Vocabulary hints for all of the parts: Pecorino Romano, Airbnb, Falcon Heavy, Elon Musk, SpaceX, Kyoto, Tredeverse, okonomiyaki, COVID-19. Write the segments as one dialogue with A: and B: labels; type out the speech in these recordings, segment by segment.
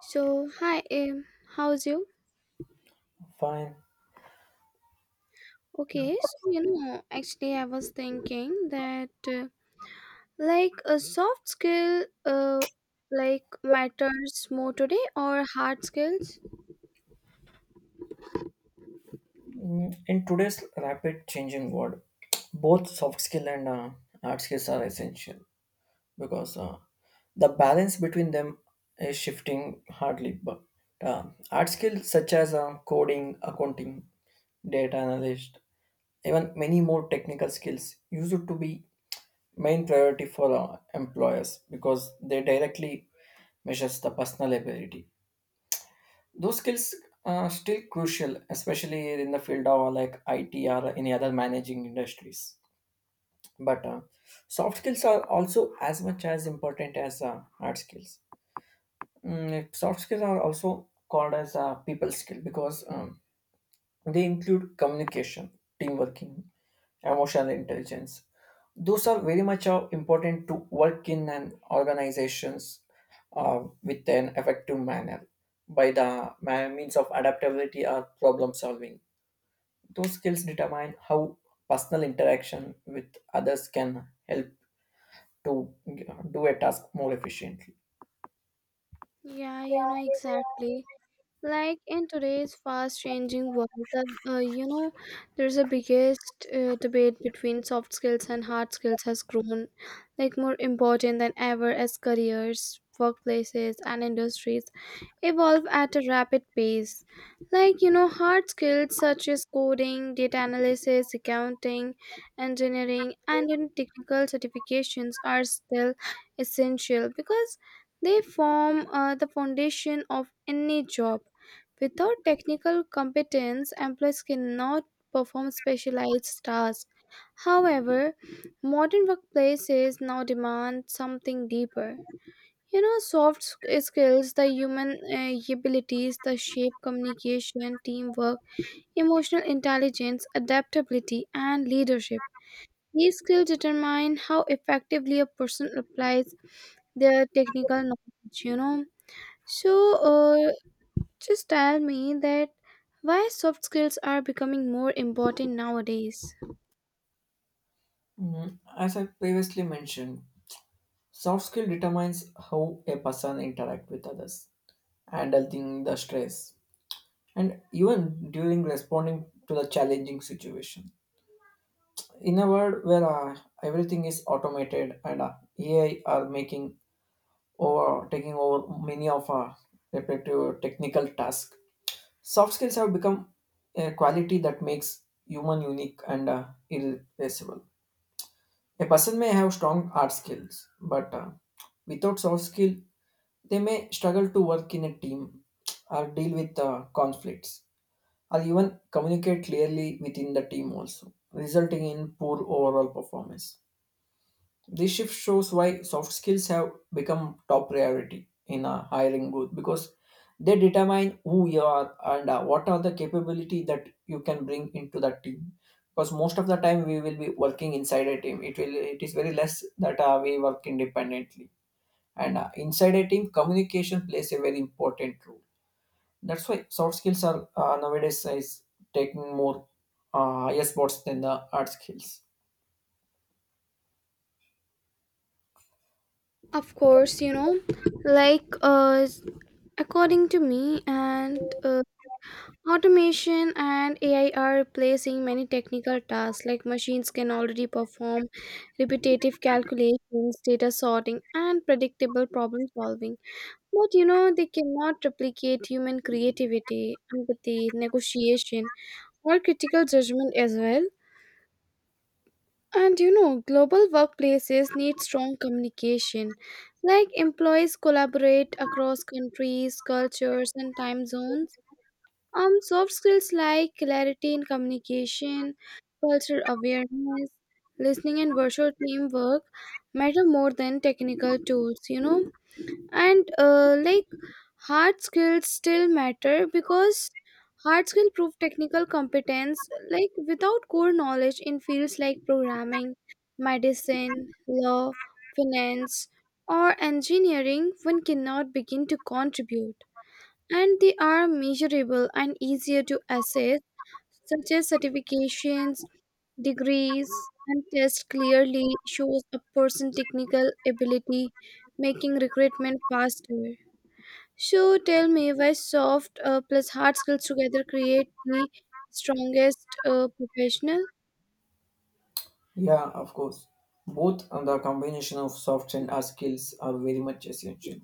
A: So, hi, how's you?
B: Fine.
A: Okay, so you know, actually, I was thinking that like a soft skill, like matters more today or hard skills?
B: In today's rapid changing world, both soft skill and hard skills are essential because the balance between them is shifting hardly. But uh, hard skills such as coding, accounting, data analyst, even many more technical skills used to be main priority for employers because they directly measures the personal ability those skills are still crucial especially in the field of like it or any other managing industries but soft skills are also as much as important as hard skills. Soft skills are also called as a people skill because they include communication, teamwork, emotional intelligence. Those are very much important to work in an organizations with an effective manner by the means of adaptability or problem solving. Those skills determine how personal interaction with others can help to do a task more efficiently.
A: Yeah, you know, exactly. Like in today's fast changing world, there's a biggest debate between soft skills and hard skills has grown like more important than ever as careers, workplaces, and industries evolve at a rapid pace. Like, you know, hard skills such as coding, data analysis, accounting, engineering, and you know, technical certifications are still essential because they form the foundation of any job. Without technical competence, employees cannot perform specialized tasks. However, modern workplaces now demand something deeper, you know, skills, the human abilities, the shape, communication, teamwork, emotional intelligence, adaptability, and leadership. These skills determine how effectively a person applies their technical knowledge, you know. So uh, just tell me that why soft skills are becoming more important nowadays.
B: As I previously mentioned, soft skill determines how a person interact with others, handling the stress, and even during responding to the challenging situation. In a world where everything is automated and AI are making over taking over many of our repetitive technical tasks, soft skills have become a quality that makes human unique and irreplaceable. A person may have strong art skills, but without soft skill, they may struggle to work in a team or deal with conflicts, or even communicate clearly within the team also, resulting in poor overall performance. This shift shows why soft skills have become top priority in a hiring booth because they determine who you are and what are the capability that you can bring into that team. Because most of the time we will be working inside a team. It will it is very less that we work independently. And inside a team, communication plays a very important role, that's why soft skills are nowadays is taking more higher spots than the hard skills.
A: Of course, you know, like according to me and automation and AI are replacing many technical tasks, like machines can already perform repetitive calculations, data sorting, and predictable problem solving. But you know, they cannot replicate human creativity, empathy, negotiation, or critical judgment as well. And you know, global workplaces need strong communication, like employees collaborate across countries, cultures, and time zones. Soft skills like clarity in communication, cultural awareness, listening, and virtual teamwork matter more than technical tools, you know. And like hard skills still matter because hard skill prove technical competence. Like without core knowledge in fields like programming, medicine, law, finance, or engineering, one cannot begin to contribute, and they are measurable and easier to assess, such as certifications, degrees, and tests clearly shows a person's technical ability, making recruitment faster. So tell me why soft plus hard skills together create the strongest professional?
B: Yeah, of course. Both and the combination of soft and hard skills are very much essential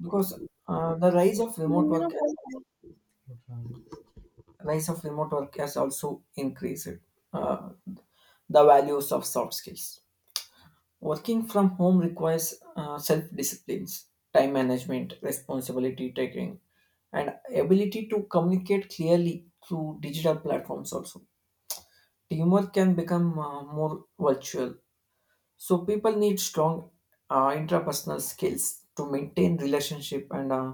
B: because the rise of remote work has, rise of remote work has also increased uh, the values of soft skills. Working from home requires self disciplines, time management, responsibility taking, and ability to communicate clearly through digital platforms also. Teamwork can become more virtual. So people need strong interpersonal skills to maintain relationship and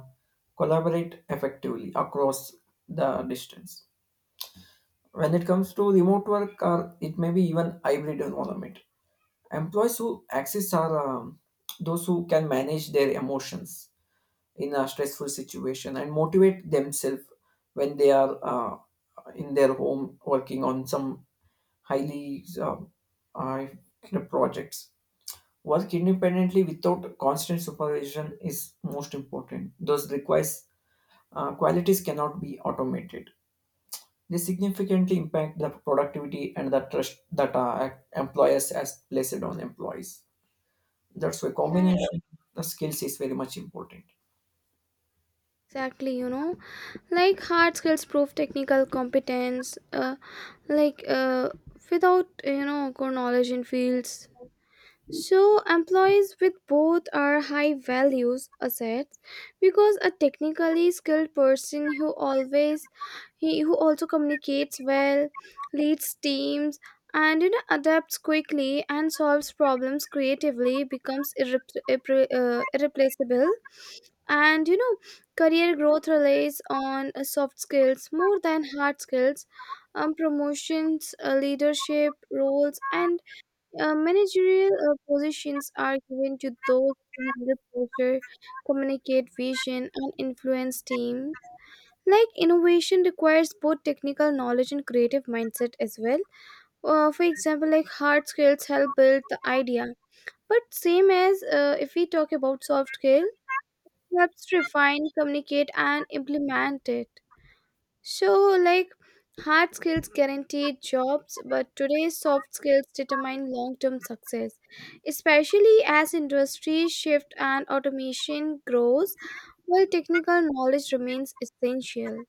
B: collaborate effectively across the distance. When it comes to remote work, or it may be even hybrid environment, employees who access are those who can manage their emotions in a stressful situation and motivate themselves when they are in their home working on some highly uh, projects. Work independently without constant supervision is most important. Those requires qualities cannot be automated. They significantly impact the productivity and the trust that employers has placed on employees. That's why
A: Yeah,
B: combination of skills is very much important.
A: exactly. You know, like hard skills prove technical competence, like without you know core knowledge in fields. So, employees with both are high values assets because a technically skilled person who always he who also communicates well, leads teams, and you know, adapts quickly and solves problems creatively becomes irreplaceable. And you know, career growth relies on soft skills more than hard skills, promotions, leadership roles, and managerial positions are given to those who handle pressure, communicate vision, and influence teams. Like innovation requires both technical knowledge and creative mindset as well. For example, like hard skills help build the idea, but same as if we talk about soft skill, helps refine, communicate, and implement it. So, like, hard skills guaranteed jobs, but today's soft skills determine long term success, especially as industries shift and automation grows, while technical knowledge remains essential.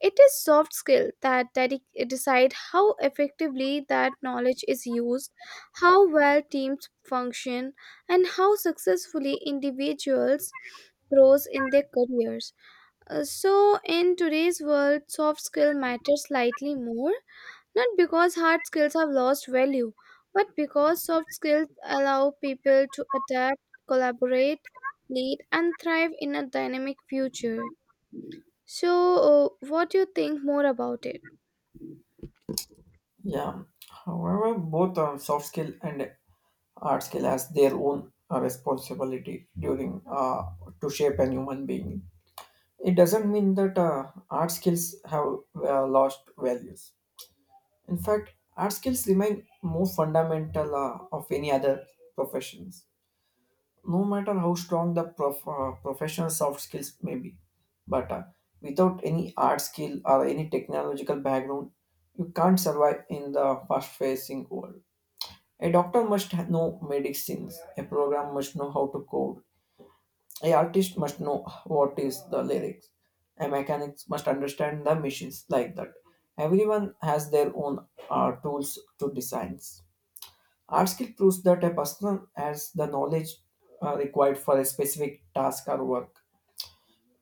A: It is soft skill that decide how effectively that knowledge is used, how well teams function, and how successfully individuals grows in their careers. So in today's world soft skill matters slightly more, not because hard skills have lost value but because soft skills allow people to adapt, collaborate, lead, and thrive in a dynamic future. So what do you think more about it?
B: Yeah. However, both soft skill and hard skill has their own responsibility during to shape a human being. It doesn't mean that art skills have lost values. In fact, art skills remain more fundamental of any other professions, no matter how strong the professional soft skills may be. But without any art skill or any technological background, you can't survive in the fast facing world. A doctor must know medicines, a program must know how to code, a artist must know what is the lyrics, a mechanic must understand the machines like that. Everyone has their own tools to design. Art skill proves that a person has the knowledge required for a specific task or work.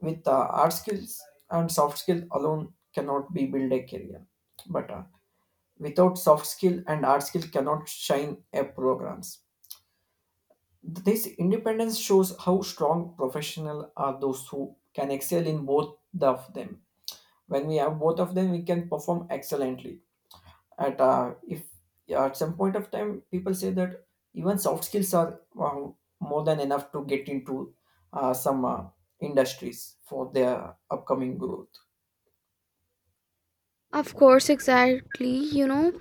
B: With art skills and soft skill alone cannot be build a career, but without soft skill and art skill cannot shine a programs. This independence shows how strong professional are those who can excel in both of them. When we have both of them, we can perform excellently. At if Yeah, at some point of time people say that even soft skills are more than enough to get into some industries for their upcoming growth.
A: Of course, exactly, you know.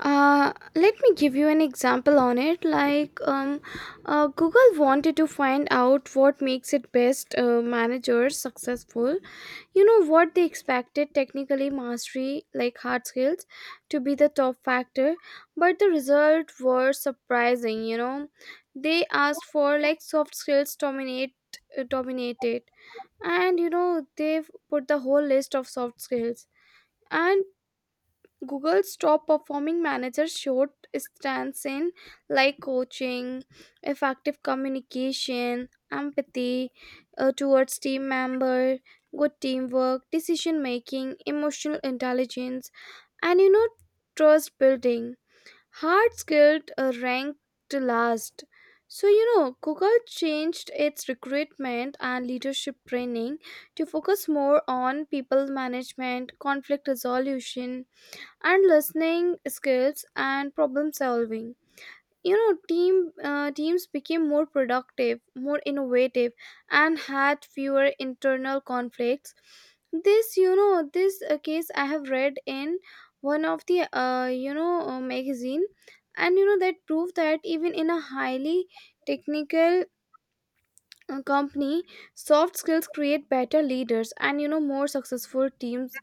A: Let me give you an example on it, like Google wanted to find out what makes its best managers successful. You know what, they expected technically mastery like hard skills to be the top factor, but the result were surprising, you know. They asked for like soft skills dominated, and you know they've put the whole list of soft skills. And Google's top performing managers showed strengths in, like, coaching, effective communication, empathy towards team member, good teamwork, decision making, emotional intelligence, and you know, trust building. Hard skilled ranked last. So you know Google changed its recruitment and leadership training to focus more on people management, conflict resolution, and listening skills and problem solving. You know teams became more productive, more innovative, and had fewer internal conflicts. This, you know, this case I have read in one of the magazine, and you know that proved that even in a highly technical company soft skills create better leaders and, you know, more successful teams.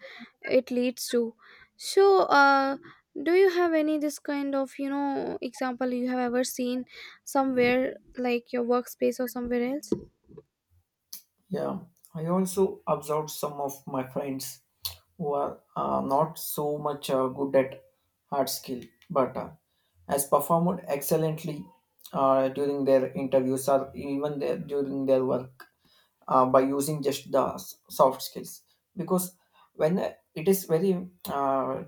A: It leads to, so do you have any this kind of, you know, example you have ever seen somewhere like your workspace or somewhere else?
B: Yeah, I also observed some of my friends who are not so much good at hard skill but has performed excellently during their interviews or even during their work by using just the soft skills because when it is very uh,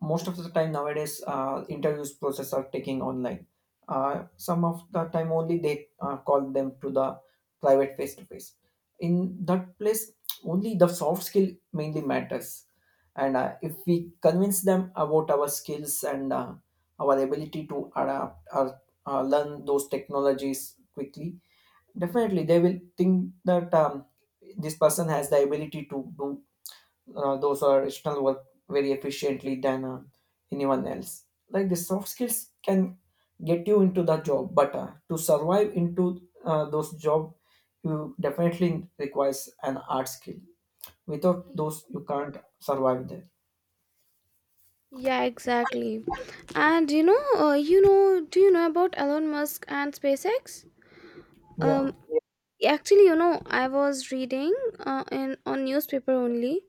B: most of the time nowadays interviews process are taking online. Some of the time only they call them to the private face to face. In that place only the soft skill mainly matters, and if we convince them about our skills and our ability to adapt or learn those technologies quickly, definitely they will think that this person has the ability to do those or additional work very efficiently than anyone else. Like the soft skills can get you into the job, but to survive into those job you definitely requires an art skill. Without those you can't survive there.
A: Yeah, exactly. And you know, do you know about Elon Musk and SpaceX?
B: Yeah,
A: Um, actually, you know, I was reading in on newspaper only.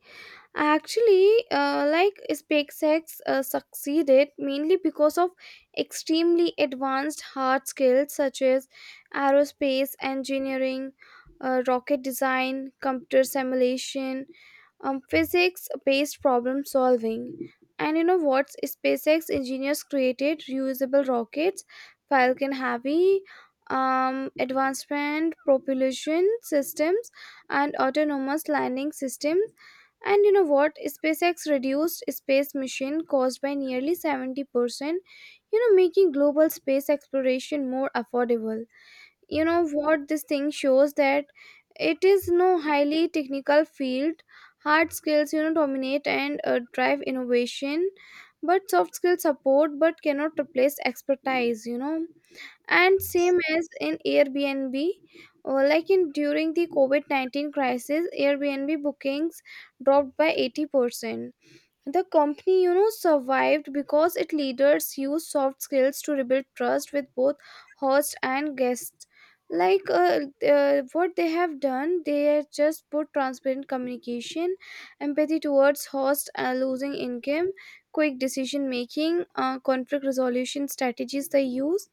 A: Actually, like SpaceX succeeded mainly because of extremely advanced hard skills such as aerospace engineering, rocket design, computer simulation, physics based problem solving. And you know what? SpaceX engineers created reusable rockets, Falcon Heavy, advancement propulsion systems, and autonomous landing systems. And you know what? SpaceX reduced space mission cost by nearly 70%, you know, making global space exploration more affordable. You know what this thing shows that it is no highly technical field hard skills, you know, dominate and drive innovation, but soft skills support but cannot replace expertise, you know. And same as in Airbnb, like in during the covid-19 crisis Airbnb bookings dropped by 80%. The company, you know, survived because its leaders used soft skills to rebuild trust with both host and guests. Like what they have done, they have just put transparent communication, empathy towards host losing income, quick decision making, conflict resolution strategies they use.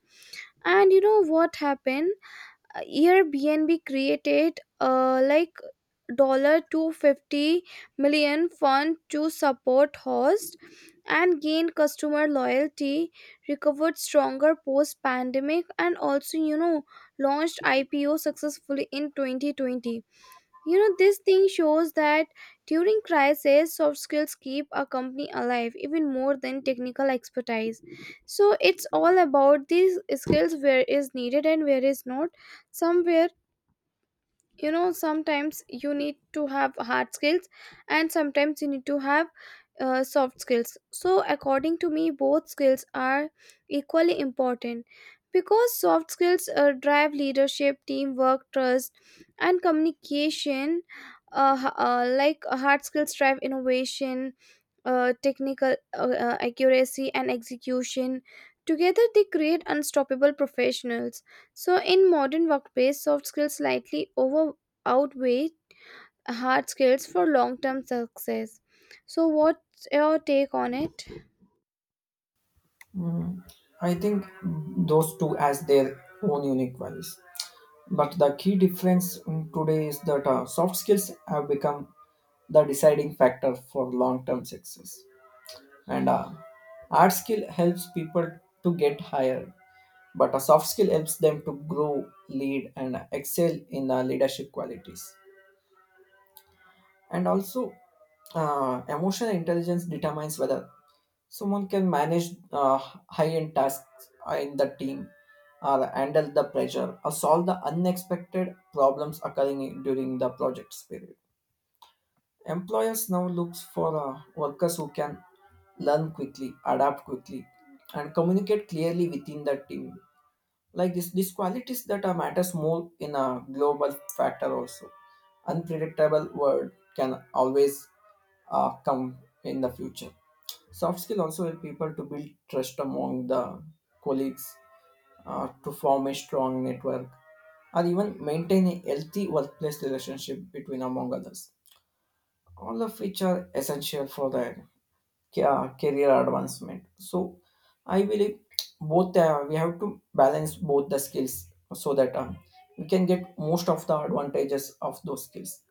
A: And you know what happened? Airbnb created like $250 fund to support host and gain customer loyalty, recovered stronger post pandemic, and also, you know, launched IPO successfully in 2020. You know, this thing shows that during crisis, soft skills keep a company alive even more than technical expertise. So it's all about these skills where is needed and where is not. Somewhere, you know, sometimes you need to have hard skills and sometimes you need to have soft skills. So according to me both skills are equally important because soft skills drive leadership, teamwork, trust, and communication. Like hard skills drive innovation, technical accuracy and execution. Together they create unstoppable professionals. So in modern workplace, soft skills slightly over outweigh hard skills for long-term success. So what's your take on it?
B: I think those two as their own unique values, but the key difference in today is that soft skills have become the deciding factor for long term success. And hard skill helps people to get higher, but a soft skill helps them to grow, lead, and excel in leadership qualities. And also, emotional intelligence determines whether someone can manage high end tasks in the team or handle the pressure or solve the unexpected problems occurring during the project period. Employers now looks for workers who can learn quickly, adapt quickly, and communicate clearly within the team. Like this, these qualities that are matters more in a global factor also. Unpredictable world can always come in the future. Soft skill also help people to build trust among the colleagues, to form a strong network, or even maintain a healthy workplace relationship between among others, all of which are essential for their career advancement. So I believe both we have to balance both the skills so that we can get most of the advantages of those skills.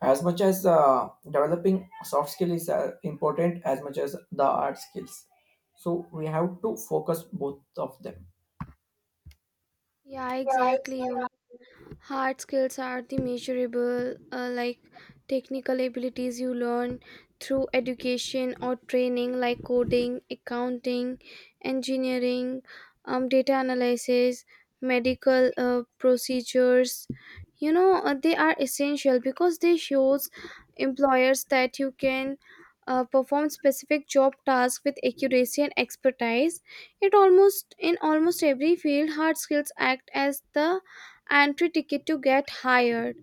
B: As much as developing soft skill is important, as much as the hard skills. So we have to focus both of them.
A: Yeah, exactly. You. Hard skills are the measurable, like technical abilities you learn through education or training, like coding, accounting, engineering, data analysis, medical procedures. You know, they are essential because they shows employers that you can perform specific job tasks with accuracy and expertise. It almost in almost every field, hard skills act as the entry ticket to get hired.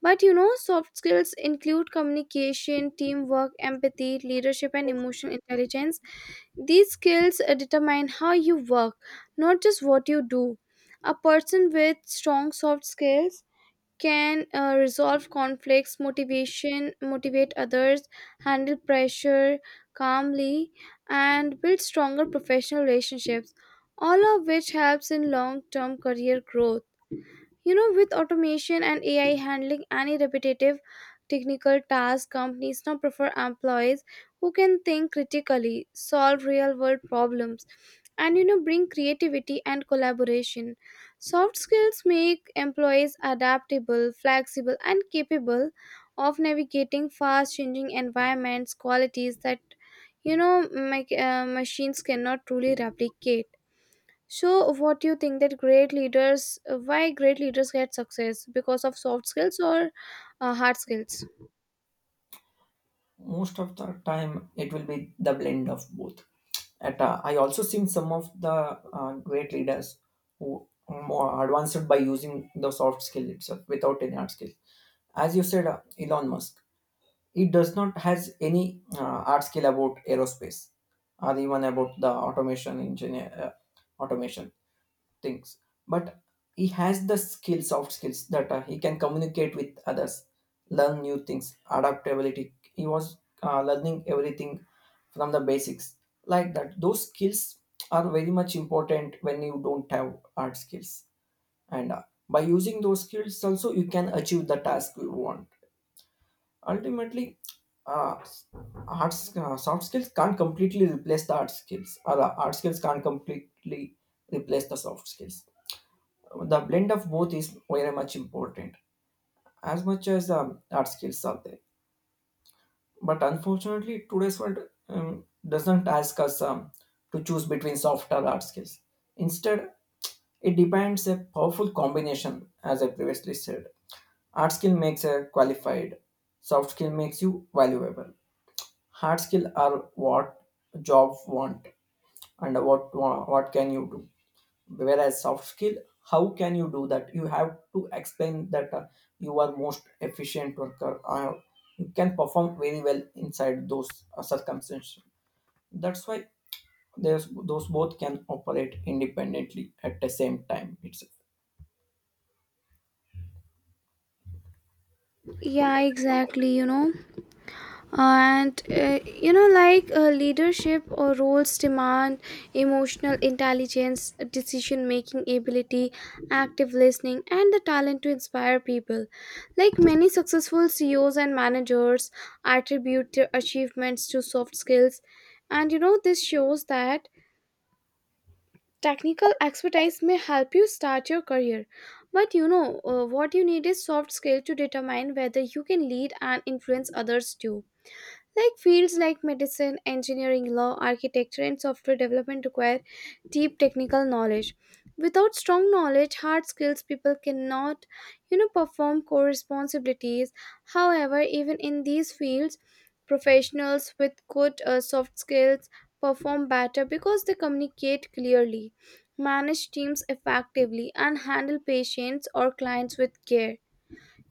A: But you know, soft skills include communication, teamwork, empathy, leadership, and emotional intelligence. These skills determine how you work, not just what you do. A person with strong soft skills can resolve conflicts, motivate others, handle pressure calmly, and build stronger professional relationships. All of which helps in long-term career growth. You know, with automation and AI handling any repetitive technical task, companies now prefer employees who can think critically, solve real world problems, and you know, bring creativity and collaboration. Soft skills make employees adaptable, flexible, and capable of navigating fast changing environments, qualities that, you know, machines cannot truly replicate. So, what do you think that great leaders, why great leaders get success? Because of soft skills or hard skills?
B: Most of the time, it will be the blend of both. At I also seen some of the great leaders who are more advanced by using the soft skill itself without any hard skill. As you said, Elon Musk, he does not has any hard skill about aerospace or even about the automation engineer, automation things, but he has the skills soft skills that he can communicate with others, learn new things, adaptability. He was learning everything from the basics. Like that, those skills are very much important when you don't have hard skills. And by using those skills also you can achieve the task you want ultimately. uh, Soft skills can't completely replace the hard skills, or hard skills can't completely replace the soft skills. The blend of both is very much important, as much as the art skills are there. But unfortunately today's world doesn't ask us to choose between soft or hard skills. Instead, it depends a powerful combination. As I previously said, art skill makes a qualified, soft skill makes you valuable. Hard skill are what job want, and what can you do, whereas soft skill, how can you do that. You have to explain that you are most efficient worker, you can perform very well inside those circumstances. That's why there's those both can operate independently at the same time itself.
A: Yeah, exactly. You know, and you know, like leadership or roles demand emotional intelligence, decision making ability, active listening, and the talent to inspire people. Like many successful CEOs and managers attribute their achievements to soft skills, and you know, this shows that technical expertise may help you start your career, but you know what you need is soft skill to determine whether you can lead and influence others too. Like fields like medicine, engineering, law, architecture, and software development require deep technical knowledge. Without strong knowledge, hard skills, people cannot, you know, perform core responsibilities. However, even in these fields, professionals with good soft skills perform better because they communicate clearly, manage teams effectively, and handle patients or clients with care.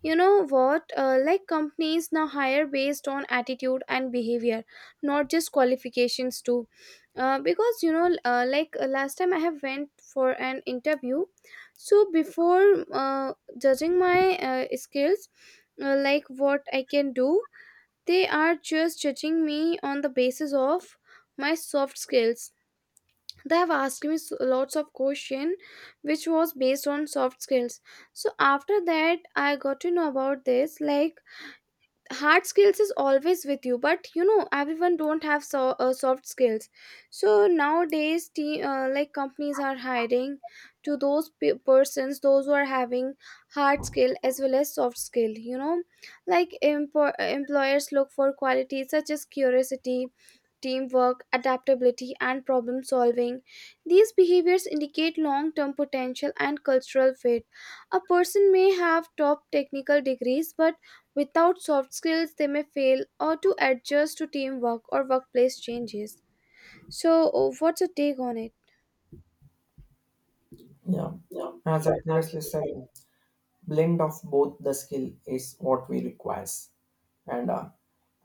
A: You know what? Like companies now hire based on attitude and behavior, not just qualifications too. Because you know, like last time I have went for an interview, so before judging my skills, like what I can do, they are just judging me on the basis of my soft skills. They have asked me lots of question which was based on soft skills. So after that I got to know about this, like hard skills is always with you, but you know everyone don't have so, soft skills. So nowadays like companies are hiring to those persons those who are having hard skill as well as soft skill, you know. Like employers look for qualities such as curiosity, teamwork, adaptability, and problem solving. These behaviors indicate long term potential and cultural fit. A person may have top technical degrees, but without soft skills, they may fail or to adjust to teamwork or workplace changes. So, what's your take on it?
B: Yeah, as I previously said, blend of both the skill is what we requires. And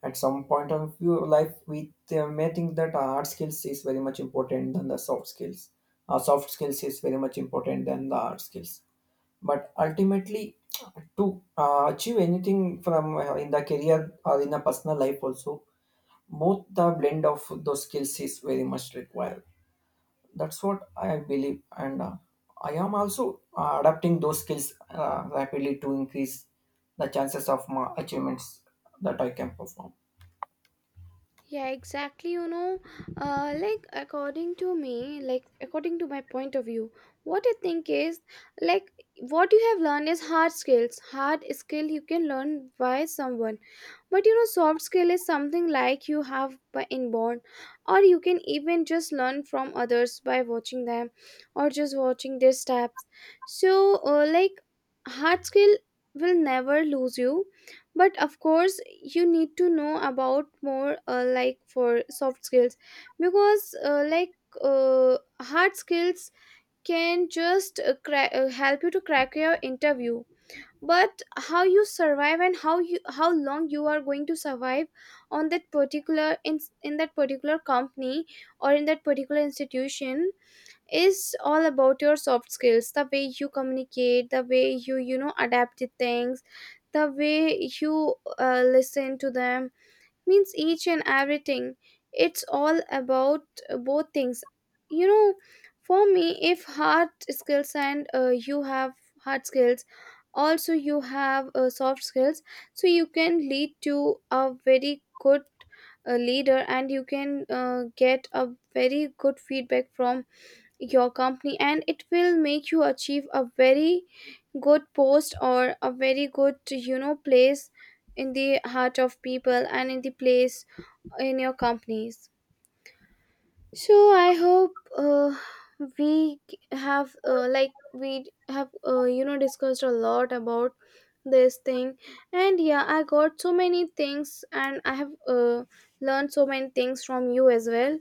B: at some point of your life we may think that hard skills is very much important than the soft skills, soft skills is very much important than the hard skills. But ultimately, to achieve anything from in the career or in a personal life also, both the blend of those skills is very much required. That's what I believe, and I am also adapting those skills rapidly to increase the chances of my achievements that I can perform.
A: Yeah, exactly. You know, like according to me, like according to my point of view, what I think is, like, what you have learned is hard skills. Hard skill you can learn by someone, but you know, soft skill is something like you have by inborn, or you can even just learn from others by watching them, or just watching their steps. So, like hard skill will never lose you, but of course you need to know about more like for soft skills, because like hard skills can just help you to crack your interview, but how you survive and how you how long you are going to survive on that particular in that particular company or in that particular institution is all about your soft skills, the way you communicate, the way you you know adapt to things, the way you listen to them, means each and everything. It's all about both things, you know. For me, if hard skills and you have hard skills, also you have soft skills, so you can lead to a very good leader and you can get a very good feedback from your company, and it will make you achieve a very good post or a very good, you know, place in the heart of people and in the place in your companies. So I hope we have like we have you know discussed a lot about this thing, and yeah I got so many things and I have learned so many things from you as well.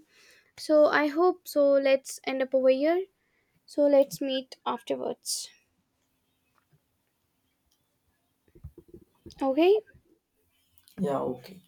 A: So I hope so, let's end up over here. So let's meet afterwards. Okay?
B: Yeah, okay.